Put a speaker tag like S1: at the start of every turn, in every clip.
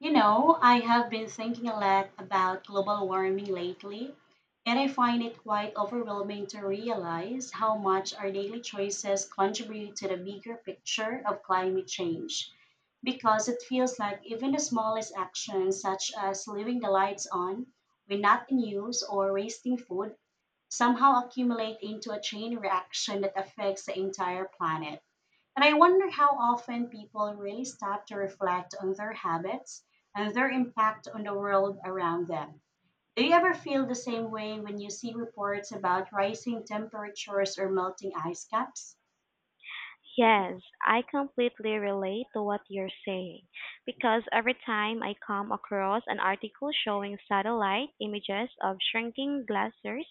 S1: You know, I have been thinking a lot about global warming lately, and I find it quite overwhelming to realize how much our daily choices contribute to the bigger picture of climate change. Because it feels like even the smallest actions, such as leaving the lights on when not in use or wasting food, somehow accumulate into a chain reaction that affects the entire planet. And I wonder how often people really stop to reflect on their habits and their impact on the world around them. Do you ever feel the same way when you see reports about rising temperatures or melting ice caps?
S2: Yes, I completely relate to what you're saying because every time I come across an article showing satellite images of shrinking glaciers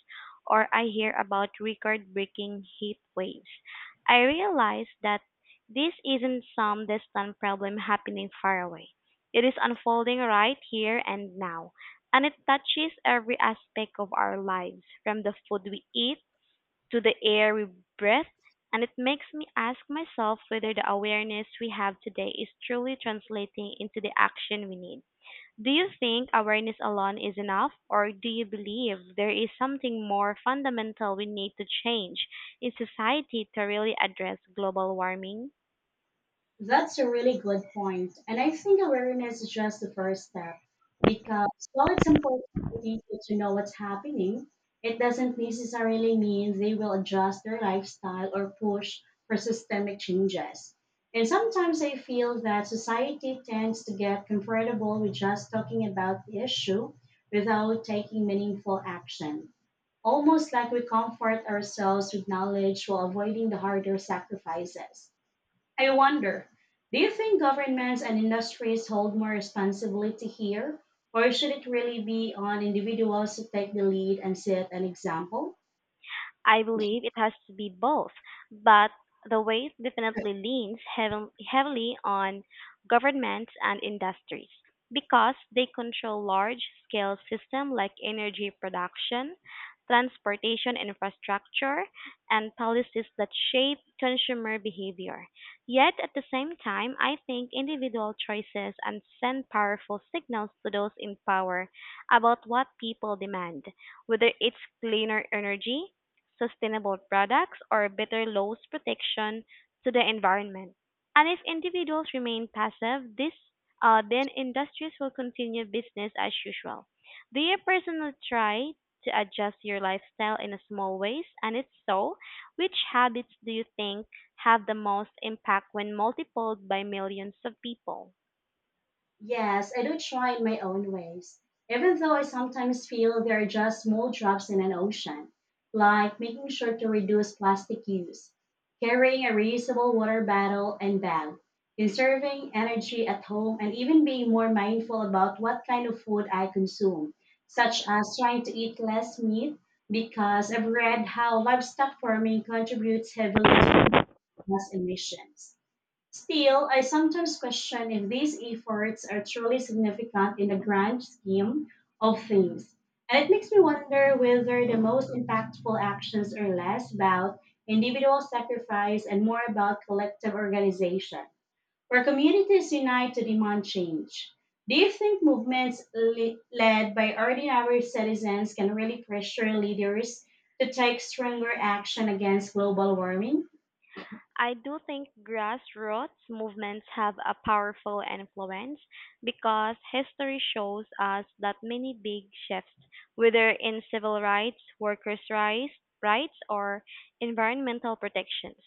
S2: or I hear about record-breaking heat waves, I realize that this isn't some distant problem happening far away. It is unfolding right here and now, and it touches every aspect of our lives, from the food we eat to the air we breathe, and it makes me ask myself whether the awareness we have today is truly translating into the action we need. Do you think awareness alone is enough, or do you believe there is something more fundamental we need to change in society to really address global warming?
S1: That's a really good point. And I think awareness is just the first step because while it's important for people to know what's happening, it doesn't necessarily mean they will adjust their lifestyle or push for systemic changes. And sometimes I feel that society tends to get comfortable with just talking about the issue without taking meaningful action. Almost like we comfort ourselves with knowledge while avoiding the harder sacrifices. I wonder, do you think governments and industries hold more responsibility here, or should it really be on individuals to take the lead and set an example?
S2: I believe it has to be both, but the weight definitely leans heavily on governments and industries because they control large-scale systems like energy production, transportation infrastructure, and policies that shape consumer behavior. Yet at the same time, I think individual choices and send powerful signals to those in power about what people demand, whether it's cleaner energy, sustainable products, or better laws protection to the environment. And if individuals remain passive, this then industries will continue business as usual. Do you personally try to adjust your lifestyle in a small ways? And if so, which habits do you think have the most impact when multiplied by millions of people?
S1: Yes, I do try in my own ways, even though I sometimes feel they are just small drops in an ocean, like making sure to reduce plastic use, carrying a reusable water bottle and bag, conserving energy at home, and even being more mindful about what kind of food I consume, such as trying to eat less meat because I've read how livestock farming contributes heavily to greenhouse emissions. Still, I sometimes question if these efforts are truly significant in the grand scheme of things. And it makes me wonder whether the most impactful actions are less about individual sacrifice and more about collective organization, where communities unite to demand change. Do you think movements led by ordinary citizens can really pressure leaders to take stronger action against global warming?
S2: I do think grassroots movements have a powerful influence because history shows us that many big shifts, whether in civil rights, workers' rights, rights or environmental protections,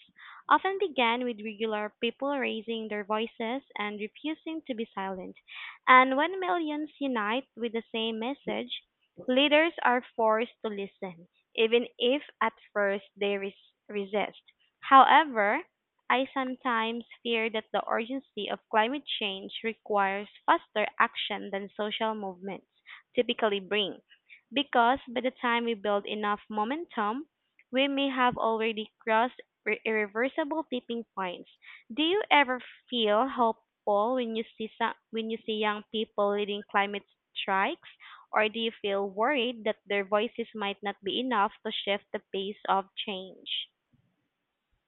S2: often began with regular people raising their voices and refusing to be silent. And when millions unite with the same message, leaders are forced to listen, even if at first they resist. However, I sometimes fear that the urgency of climate change requires faster action than social movements typically bring, because by the time we build enough momentum, we may have already crossed irreversible tipping points. Do you ever feel hopeful when you see young people leading climate strikes, or do you feel worried that their voices might not be enough to shift the pace of change?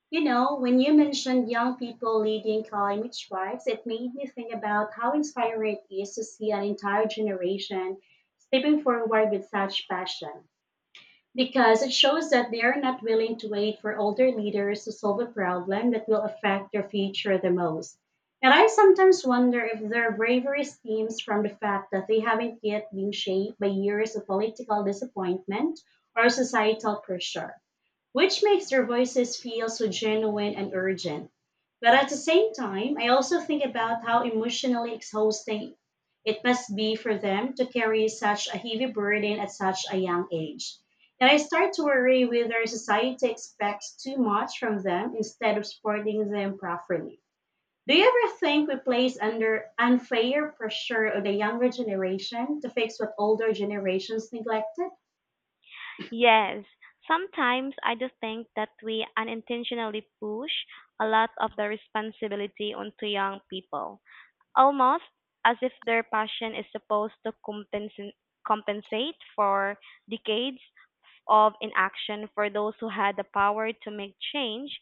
S1: You know, when you mentioned young people leading climate strikes, it made me think about how inspiring it is to see an entire generation stepping forward with such passion, because it shows that they are not willing to wait for older leaders to solve a problem that will affect their future the most. And I sometimes wonder if their bravery stems from the fact that they haven't yet been shaped by years of political disappointment or societal pressure, which makes their voices feel so genuine and urgent. But at the same time, I also think about how emotionally exhausting it must be for them to carry such a heavy burden at such a young age. And I start to worry whether society expects too much from them instead of supporting them properly. Do you ever think we place under unfair pressure on the younger generation to fix what older generations neglected?
S2: Yes, sometimes I just think that we unintentionally push a lot of the responsibility onto young people, almost as if their passion is supposed to compensate for decades of inaction for those who had the power to make change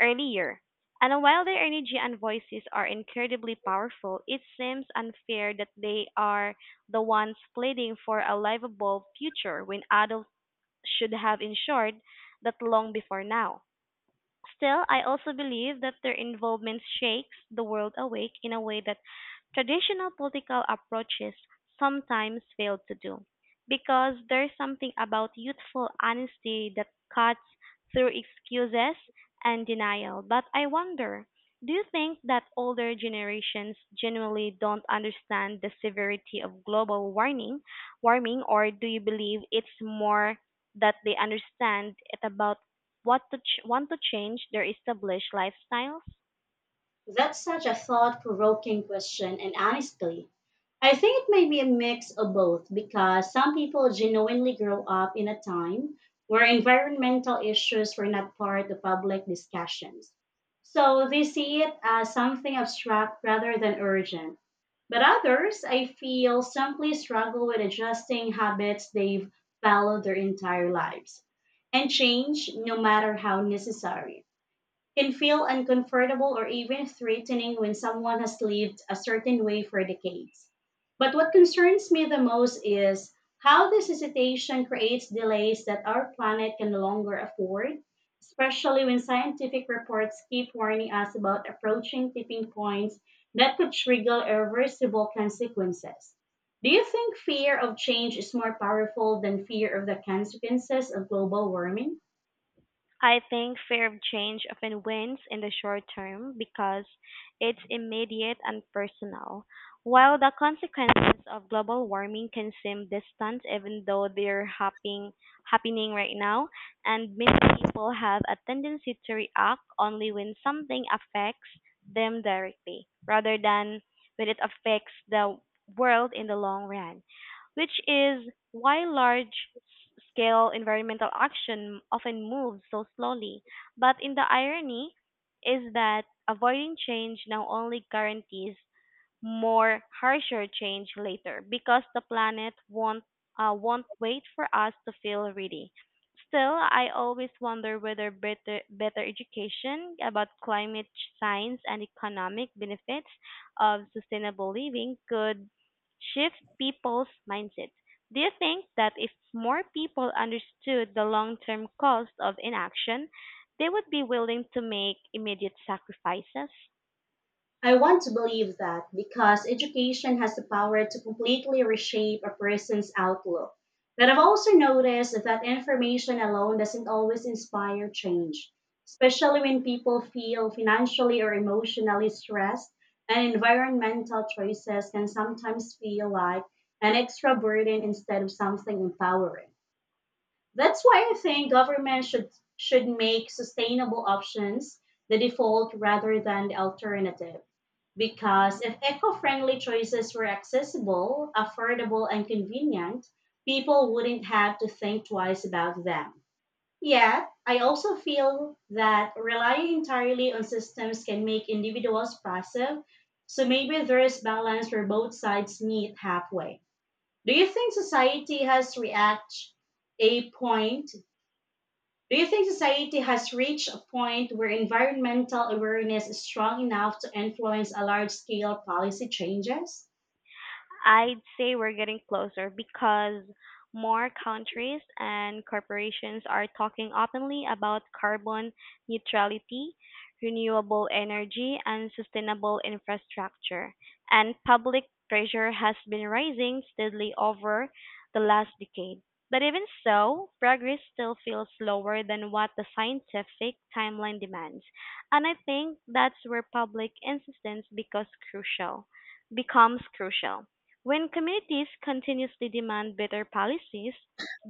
S2: earlier. And while their energy and voices are incredibly powerful, it seems unfair that they are the ones pleading for a livable future when adult should have ensured that long before now. Still, I also believe that their involvement shakes the world awake in a way that traditional political approaches sometimes fail to do, because there's something about youthful honesty that cuts through excuses and denial. But I wonder, do you think that older generations genuinely don't understand the severity of global warming, or do you believe it's more that they understand it about want to change their established lifestyles?
S1: That's such a thought provoking question, and honestly, I think it may be a mix of both because some people genuinely grow up in a time where environmental issues were not part of public discussions. So they see it as something abstract rather than urgent. But others, I feel, simply struggle with adjusting habits they've followed their entire lives, and change, no matter how necessary, can feel uncomfortable or even threatening when someone has lived a certain way for decades. But what concerns me the most is how this hesitation creates delays that our planet can no longer afford, especially when scientific reports keep warning us about approaching tipping points that could trigger irreversible consequences. Do you think fear of change is more powerful than fear of the consequences of global warming?
S2: I think fear of change often wins in the short term because it's immediate and personal, while the consequences of global warming can seem distant even though they're happening right now, and many people have a tendency to react only when something affects them directly rather than when it affects the world in the long run, which is why large-scale environmental action often moves so slowly. But in the irony is that avoiding change now only guarantees more harsher change later because the planet won't wait for us to feel ready. Still, I always wonder whether better education about climate science and economic benefits of sustainable living could shift people's mindsets. Do you think that if more people understood the long-term cost of inaction, they would be willing to make immediate sacrifices?
S1: I want to believe that because education has the power to completely reshape a person's outlook. But I've also noticed that information alone doesn't always inspire change, especially when people feel financially or emotionally stressed, and environmental choices can sometimes feel like an extra burden instead of something empowering. That's why I think government should make sustainable options the default rather than the alternative, because if eco friendly choices were accessible, affordable, and convenient, people wouldn't have to think twice about them. Yet, I also feel that relying entirely on systems can make individuals passive, so maybe there is balance where both sides meet halfway. Do you think society has reached a point do you think society has reached a point where environmental awareness is strong enough to influence a large scale policy changes?
S2: I'd say we're getting closer because more countries and corporations are talking openly about carbon neutrality, renewable energy, and sustainable infrastructure. And public pressure has been rising steadily over the last decade. But even so, progress still feels slower than what the scientific timeline demands. And I think that's where public insistence becomes crucial. When communities continuously demand better policies,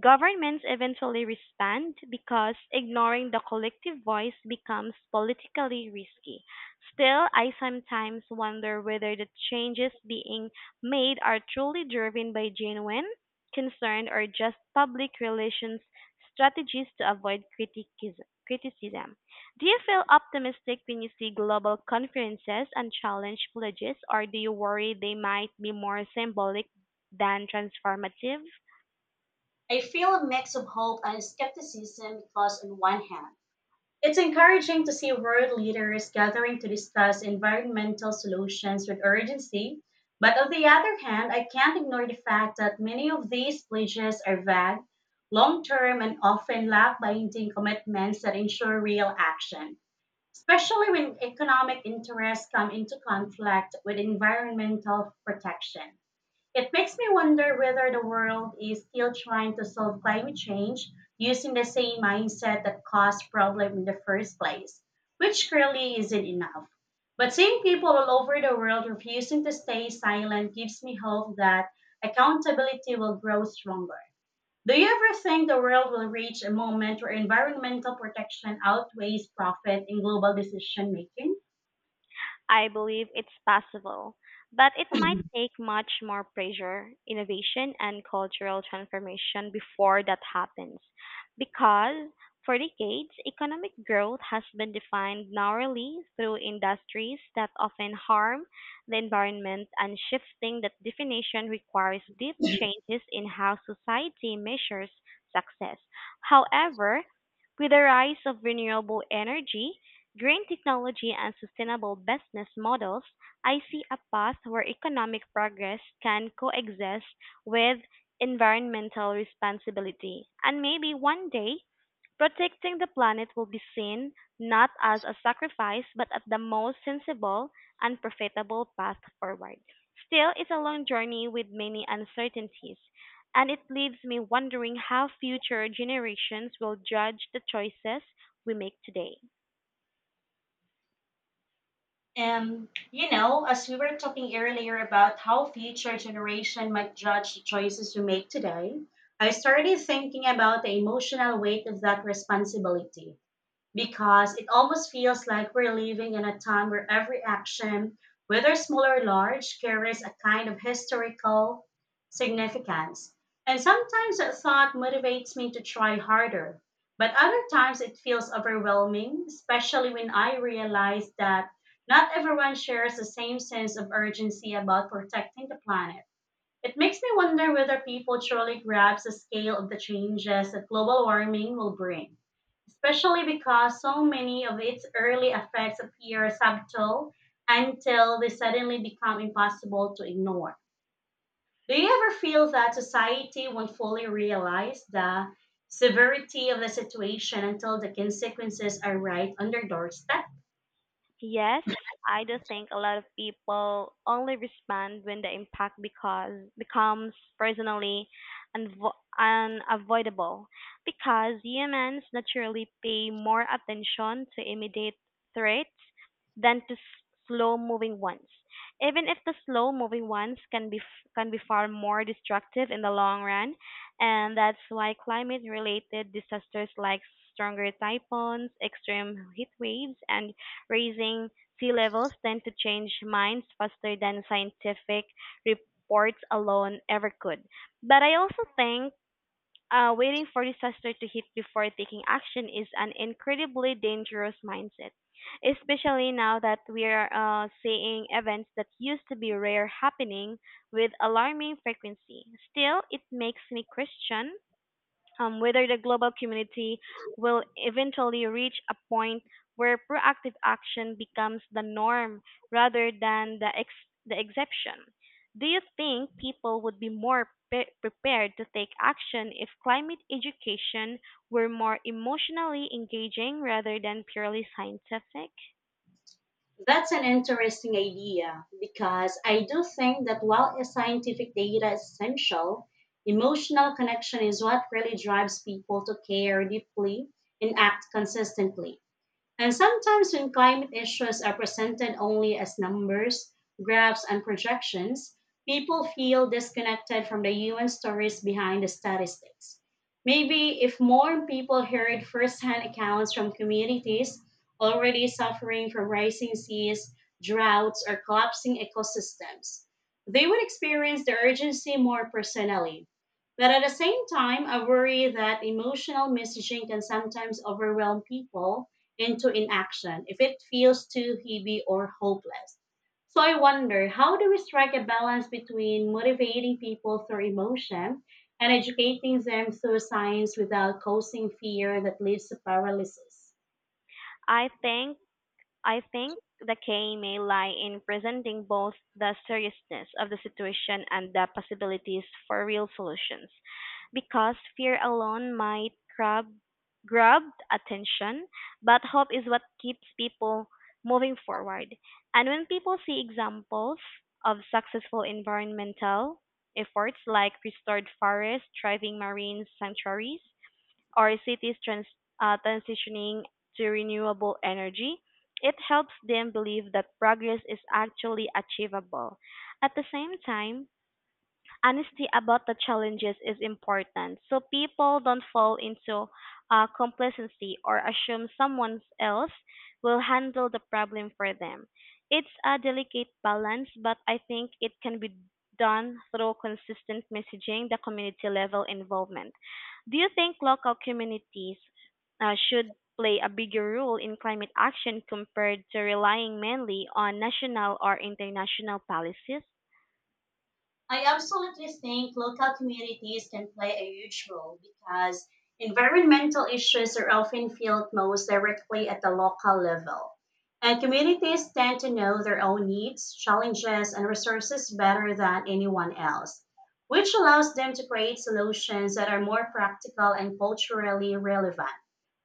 S2: governments eventually respond because ignoring the collective voice becomes politically risky. Still, I sometimes wonder whether the changes being made are truly driven by genuine concern or just public relations strategies to avoid criticism. Do you feel optimistic when you see global conferences and challenge pledges, or do you worry they might be more symbolic than transformative?
S1: I feel a mix of hope and skepticism because, on one hand, it's encouraging to see world leaders gathering to discuss environmental solutions with urgency. But on the other hand, I can't ignore the fact that many of these pledges are vague, long term, and often lack binding commitments that ensure real action, especially when economic interests come into conflict with environmental protection. It makes me wonder whether the world is still trying to solve climate change using the same mindset that caused problem in the first place, which clearly isn't enough. But seeing people all over the world refusing to stay silent gives me hope that accountability will grow stronger. Do you ever think the world will reach a moment where environmental protection outweighs profit in global decision making?
S2: I believe it's possible, but it might take much more pressure, innovation, and cultural transformation before that happens. Because for decades, economic growth has been defined narrowly through industries that often harm the environment, and shifting that definition requires deep changes in how society measures success. However, with the rise of renewable energy, green technology and sustainable business models, I see a path where economic progress can coexist with environmental responsibility. And maybe one day, protecting the planet will be seen not as a sacrifice, but as the most sensible and profitable path forward. Still, it's a long journey with many uncertainties, and it leaves me wondering how future generations will judge the choices we make today.
S1: As we were talking earlier about how future generation might judge the choices we make today, I started thinking about the emotional weight of that responsibility because it almost feels like we're living in a time where every action, whether small or large, carries a kind of historical significance. And sometimes that thought motivates me to try harder, but other times it feels overwhelming, especially when I realize that not everyone shares the same sense of urgency about protecting the planet. It makes me wonder whether people truly grasp the scale of the changes that global warming will bring, especially because so many of its early effects appear subtle until they suddenly become impossible to ignore. Do you ever feel that society won't fully realize the severity of the situation until the consequences are right on their doorstep?
S2: Yes, I do think a lot of people only respond when the impact because becomes personally unavoidable because humans naturally pay more attention to immediate threats than to slow moving ones. Even if the slow moving ones can be far more destructive in the long run, and that's why climate related disasters like stronger typhoons, extreme heat waves and raising sea levels tend to change minds faster than scientific reports alone ever could. But I also think waiting for disaster to hit before taking action is an incredibly dangerous mindset, especially now that we are seeing events that used to be rare happening with alarming frequency. Still, it makes me question whether the global community will eventually reach a point where proactive action becomes the norm rather than the exception. Do you think people would be more prepared to take action if climate education were more emotionally engaging rather than purely scientific?
S1: That's an interesting idea because I do think that while a scientific data is essential, emotional connection is what really drives people to care deeply and act consistently. And sometimes, when climate issues are presented only as numbers, graphs, and projections, people feel disconnected from the human stories behind the statistics. Maybe if more people heard firsthand accounts from communities already suffering from rising seas, droughts, or collapsing ecosystems, they would experience the urgency more personally. But at the same time, I worry that emotional messaging can sometimes overwhelm people into inaction if it feels too heavy or hopeless. So I wonder, how do we strike a balance between motivating people through emotion and educating them through science without causing fear that leads to paralysis?
S2: I think I think the key may lie in presenting both the seriousness of the situation and the possibilities for real solutions, because fear alone might grab attention, but hope is what keeps people moving forward. And when people see examples of successful environmental efforts like restored forests, thriving marine sanctuaries, or cities transitioning to renewable energy, it helps them believe that progress is actually achievable. At the same time, honesty about the challenges is important so people don't fall into complacency or assume someone else will handle the problem for them. It's a delicate balance, but I think it can be done through consistent messaging, the community level involvement. Do you think local communities should play a bigger role in climate action compared to relying mainly on national or international policies?
S1: I absolutely think local communities can play a huge role because environmental issues are often felt most directly at the local level. And communities tend to know their own needs, challenges, and resources better than anyone else, which allows them to create solutions that are more practical and culturally relevant.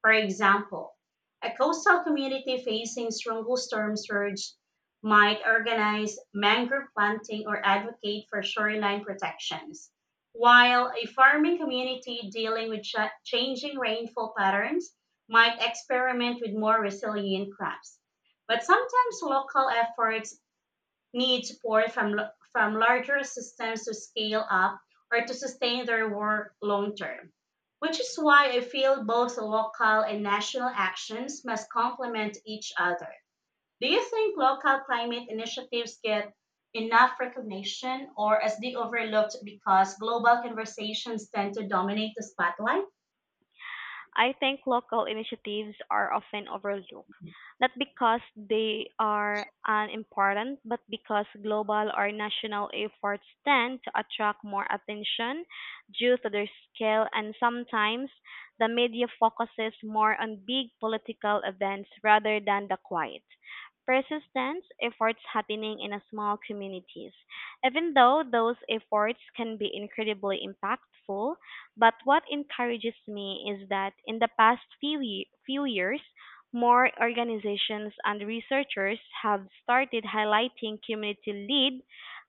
S1: For example, a coastal community facing strong storm surge might organize mangrove planting or advocate for shoreline protections, while a farming community dealing with changing rainfall patterns might experiment with more resilient crops. But sometimes local efforts need support from larger systems to scale up or to sustain their work long term, which is why I feel both local and national actions must complement each other. Do you think local climate initiatives get enough recognition, or as they overlooked because global conversations tend to dominate the spotlight?
S2: I think local initiatives are often overlooked not because they are unimportant, but because global or national efforts tend to attract more attention due to their scale, and sometimes the media focuses more on big political events rather than the quiet. Persistence efforts happening in a small communities. Even though those efforts can be incredibly impactful, but what encourages me is that in the past few years, more organizations and researchers have started highlighting community-led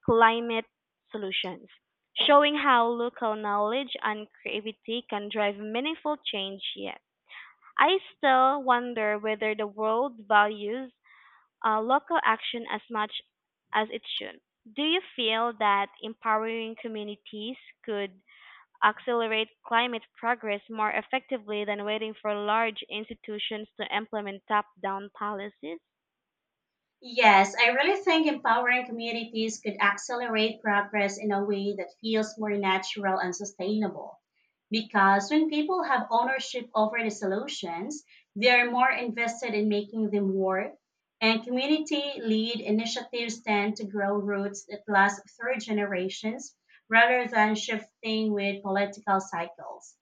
S2: climate solutions, showing how local knowledge and creativity can drive meaningful change yet. I still wonder whether the world values local action as much as it should. Do you feel that empowering communities could accelerate climate progress more effectively than waiting for large institutions to implement top-down policies?
S1: Yes, I really think empowering communities could accelerate progress in a way that feels more natural and sustainable. Because when people have ownership over the solutions, they are more invested in making them work, and community lead initiatives tend to grow roots that last through generations rather than shifting with political cycles.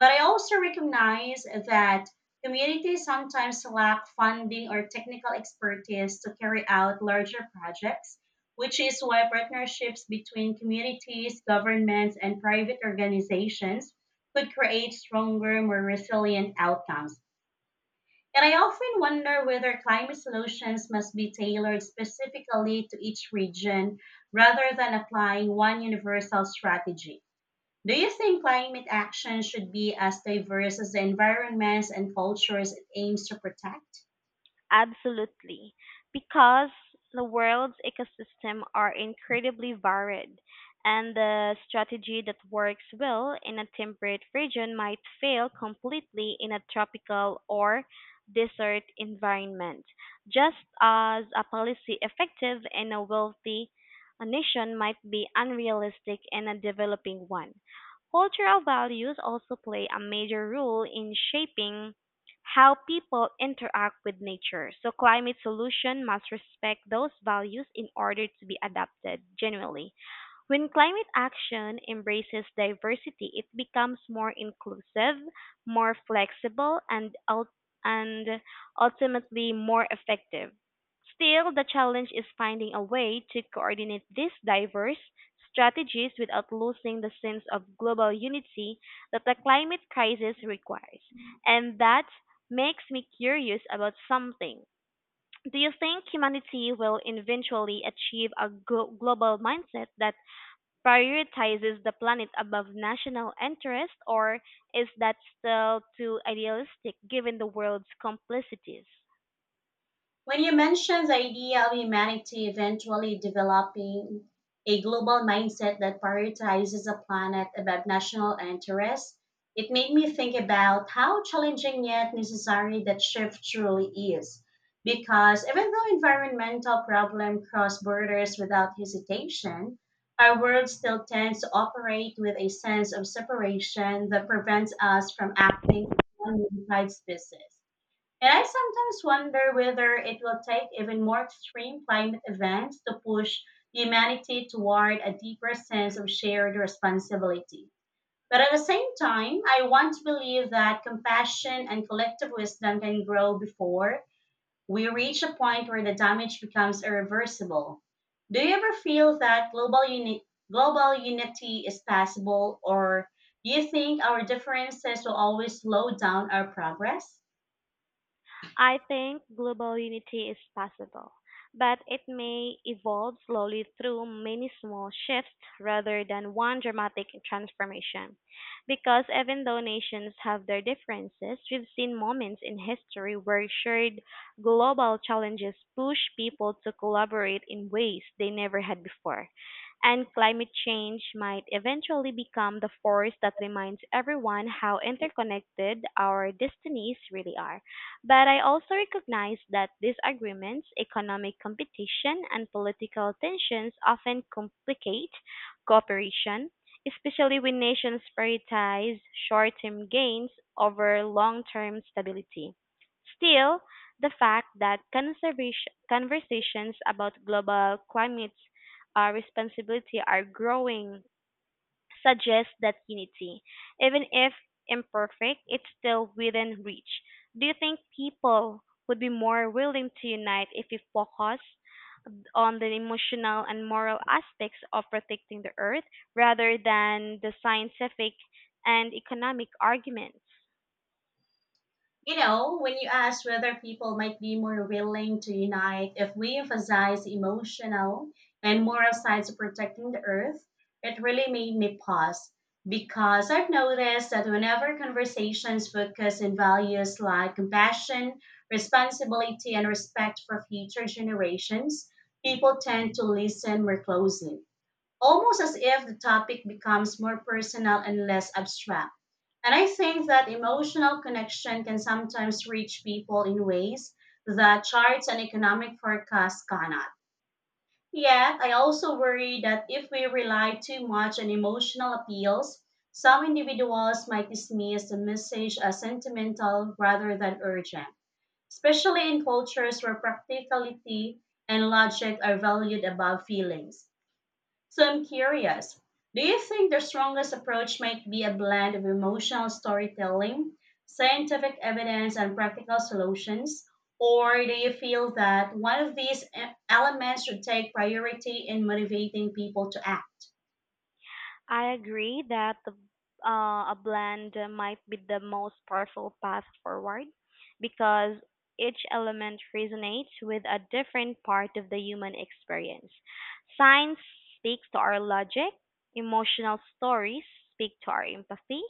S1: But I also recognize that communities sometimes lack funding or technical expertise to carry out larger projects, which is why partnerships between communities, governments, and private organizations could create stronger, more resilient outcomes. And I often wonder whether climate solutions must be tailored specifically to each region rather than applying one universal strategy. Do you think climate action should be as diverse as the environments and cultures it aims to protect?
S2: Absolutely, because the world's ecosystem are incredibly varied, and the strategy that works well in a temperate region might fail completely in a tropical or desert environment, just as a policy effective in a wealthy nation might be unrealistic in a developing one. Cultural values also play a major role in shaping how people interact with nature. So climate solution must respect those values in order to be adapted genuinely. When climate action embraces diversity, it becomes more inclusive, more flexible, and ultimately more effective. Still, the challenge is finding a way to coordinate these diverse strategies without losing the sense of global unity that the climate crisis requires. And that makes me curious about something. Do you think humanity will eventually achieve a global mindset that prioritizes the planet above national interest, or is that still too idealistic given the world's complexities?
S1: When you mentioned the idea of humanity eventually developing a global mindset that prioritizes the planet above national interests, it made me think about how challenging yet necessary that shift truly is. Because even though environmental problems cross borders without hesitation, our world still tends to operate with a sense of separation that prevents us from acting as one unified species. And I sometimes wonder whether it will take even more extreme climate events to push humanity toward a deeper sense of shared responsibility. But at the same time, I want to believe that compassion and collective wisdom can grow before we reach a point where the damage becomes irreversible. Do you ever feel that global unity is possible, or do you think our differences will always slow down our progress?
S2: I think global unity is possible, but it may evolve slowly through many small shifts rather than one dramatic transformation. Because even though nations have their differences, we've seen moments in history where shared global challenges push people to collaborate in ways they never had before. And climate change might eventually become the force that reminds everyone how interconnected our destinies really are. But I also recognize that disagreements, economic competition, and political tensions often complicate cooperation, especially when nations prioritize short-term gains over long-term stability. Still, the fact that conversations about global climate responsibility are growing suggests that unity, even if imperfect, it's still within reach. Do you think people would be more willing to unite if we focus on the emotional and moral aspects of protecting the earth rather than the scientific and economic arguments?
S1: You know, when you ask whether people might be more willing to unite if we emphasize the emotional and moral sides of protecting the earth, it really made me pause because I've noticed that whenever conversations focus on values like compassion, responsibility, and respect for future generations, people tend to listen more closely, almost as if the topic becomes more personal and less abstract. And I think that emotional connection can sometimes reach people in ways that charts and economic forecasts cannot. Yet, I also worry that if we rely too much on emotional appeals, some individuals might dismiss the message as sentimental rather than urgent, especially in cultures where practicality and logic are valued above feelings. So I'm curious, do you think the strongest approach might be a blend of emotional storytelling, scientific evidence, and practical solutions? Or do you feel that one of these elements should take priority in motivating people to act?
S2: I agree that a blend might be the most powerful path forward because each element resonates with a different part of the human experience. Science speaks to our logic, emotional stories speak to our empathy,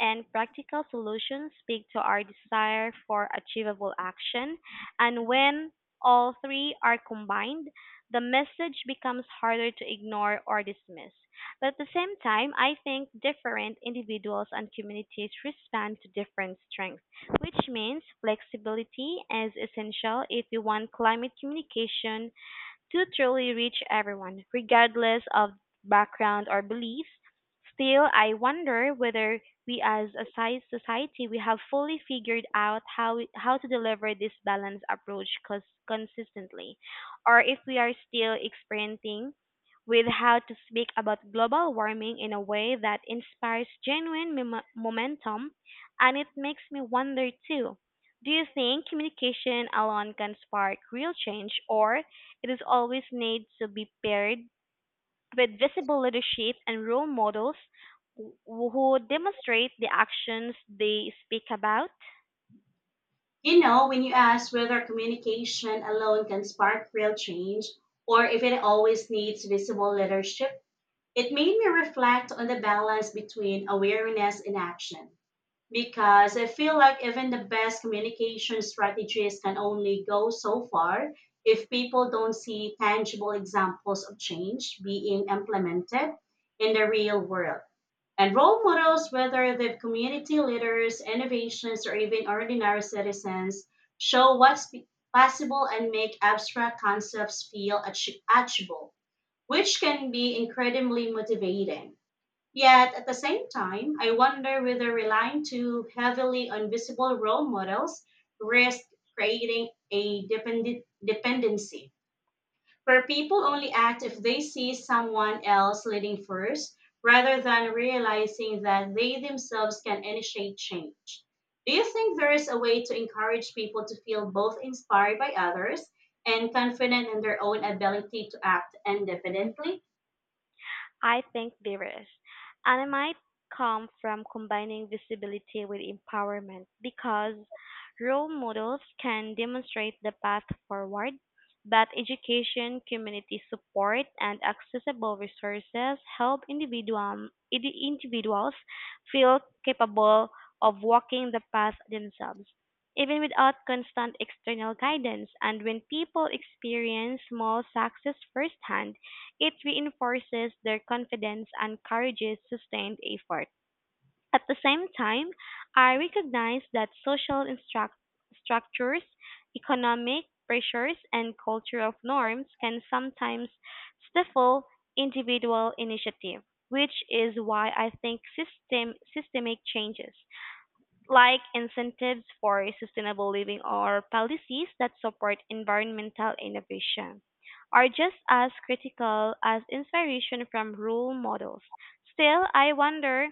S2: and practical solutions speak to our desire for achievable action. And when all three are combined, the message becomes harder to ignore or dismiss, but at the same time, I think different individuals and communities respond to different strengths, which means flexibility is essential if you want climate communication to truly reach everyone, regardless of background or beliefs. Still, I wonder whether we as a sci- society we have fully figured out how to deliver this balanced approach consistently, or if we are still experimenting with how to speak about global warming in a way that inspires genuine momentum, and it makes me wonder too. Do you think communication alone can spark real change, or it is always needs to be paired with visible leadership and role models who demonstrate the actions they speak about?
S1: You know, when you ask whether communication alone can spark real change or if it always needs visible leadership, it made me reflect on the balance between awareness and action. Because I feel like even the best communication strategies can only go so far if people don't see tangible examples of change being implemented in the real world, and role models, whether they're community leaders, innovations, or even ordinary citizens, show what's possible and make abstract concepts feel achievable, which can be incredibly motivating. Yet, at the same time, I wonder whether relying too heavily on visible role models risks creating a dependent dependency where people only act if they see someone else leading first rather than realizing that they themselves can initiate change. Do you think there is a way to encourage people to feel both inspired by others and confident in their own ability to act independently?
S2: I think there is, and it might come from combining visibility with empowerment because role models can demonstrate the path forward, but education, community support, and accessible resources help individuals feel capable of walking the path themselves. Even without constant external guidance, and when people experience small success firsthand, it reinforces their confidence and encourages sustained effort. At the same time, I recognize that social structures, economic pressures, and cultural norms can sometimes stifle individual initiative, which is why I think systemic changes like incentives for sustainable living or policies that support environmental innovation, are just as critical as inspiration from role models. Still, I wonder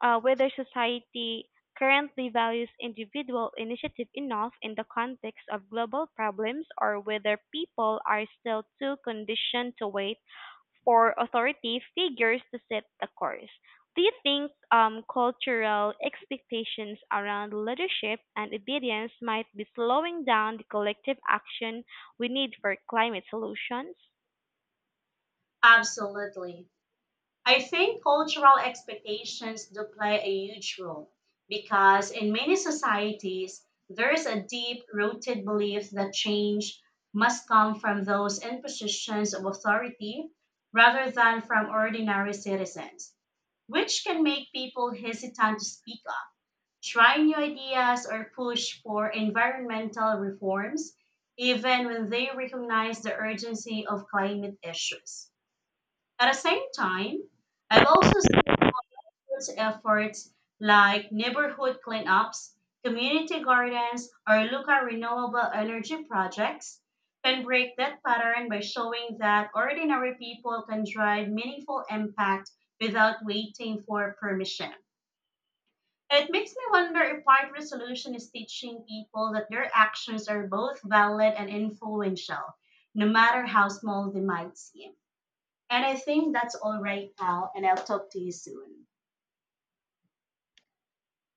S2: uh, whether society currently values individual initiative enough in the context of global problems or whether people are still too conditioned to wait for authority figures to set the course. Do you think cultural expectations around leadership and obedience might be slowing down the collective action we need for climate solutions?
S1: Absolutely. I think cultural expectations do play a huge role because in many societies, there is a deep rooted belief that change must come from those in positions of authority rather than from ordinary citizens, which can make people hesitant to speak up, try new ideas, or push for environmental reforms, even when they recognize the urgency of climate issues. At the same time, I've also those efforts like neighborhood cleanups, community gardens, or local renewable energy projects can break that pattern by showing that ordinary people can drive meaningful impact without waiting for permission. It makes me wonder if part resolution is teaching people that their actions are both valid and influential, no matter how small they might seem. And I think that's all right now, and I'll talk to you soon.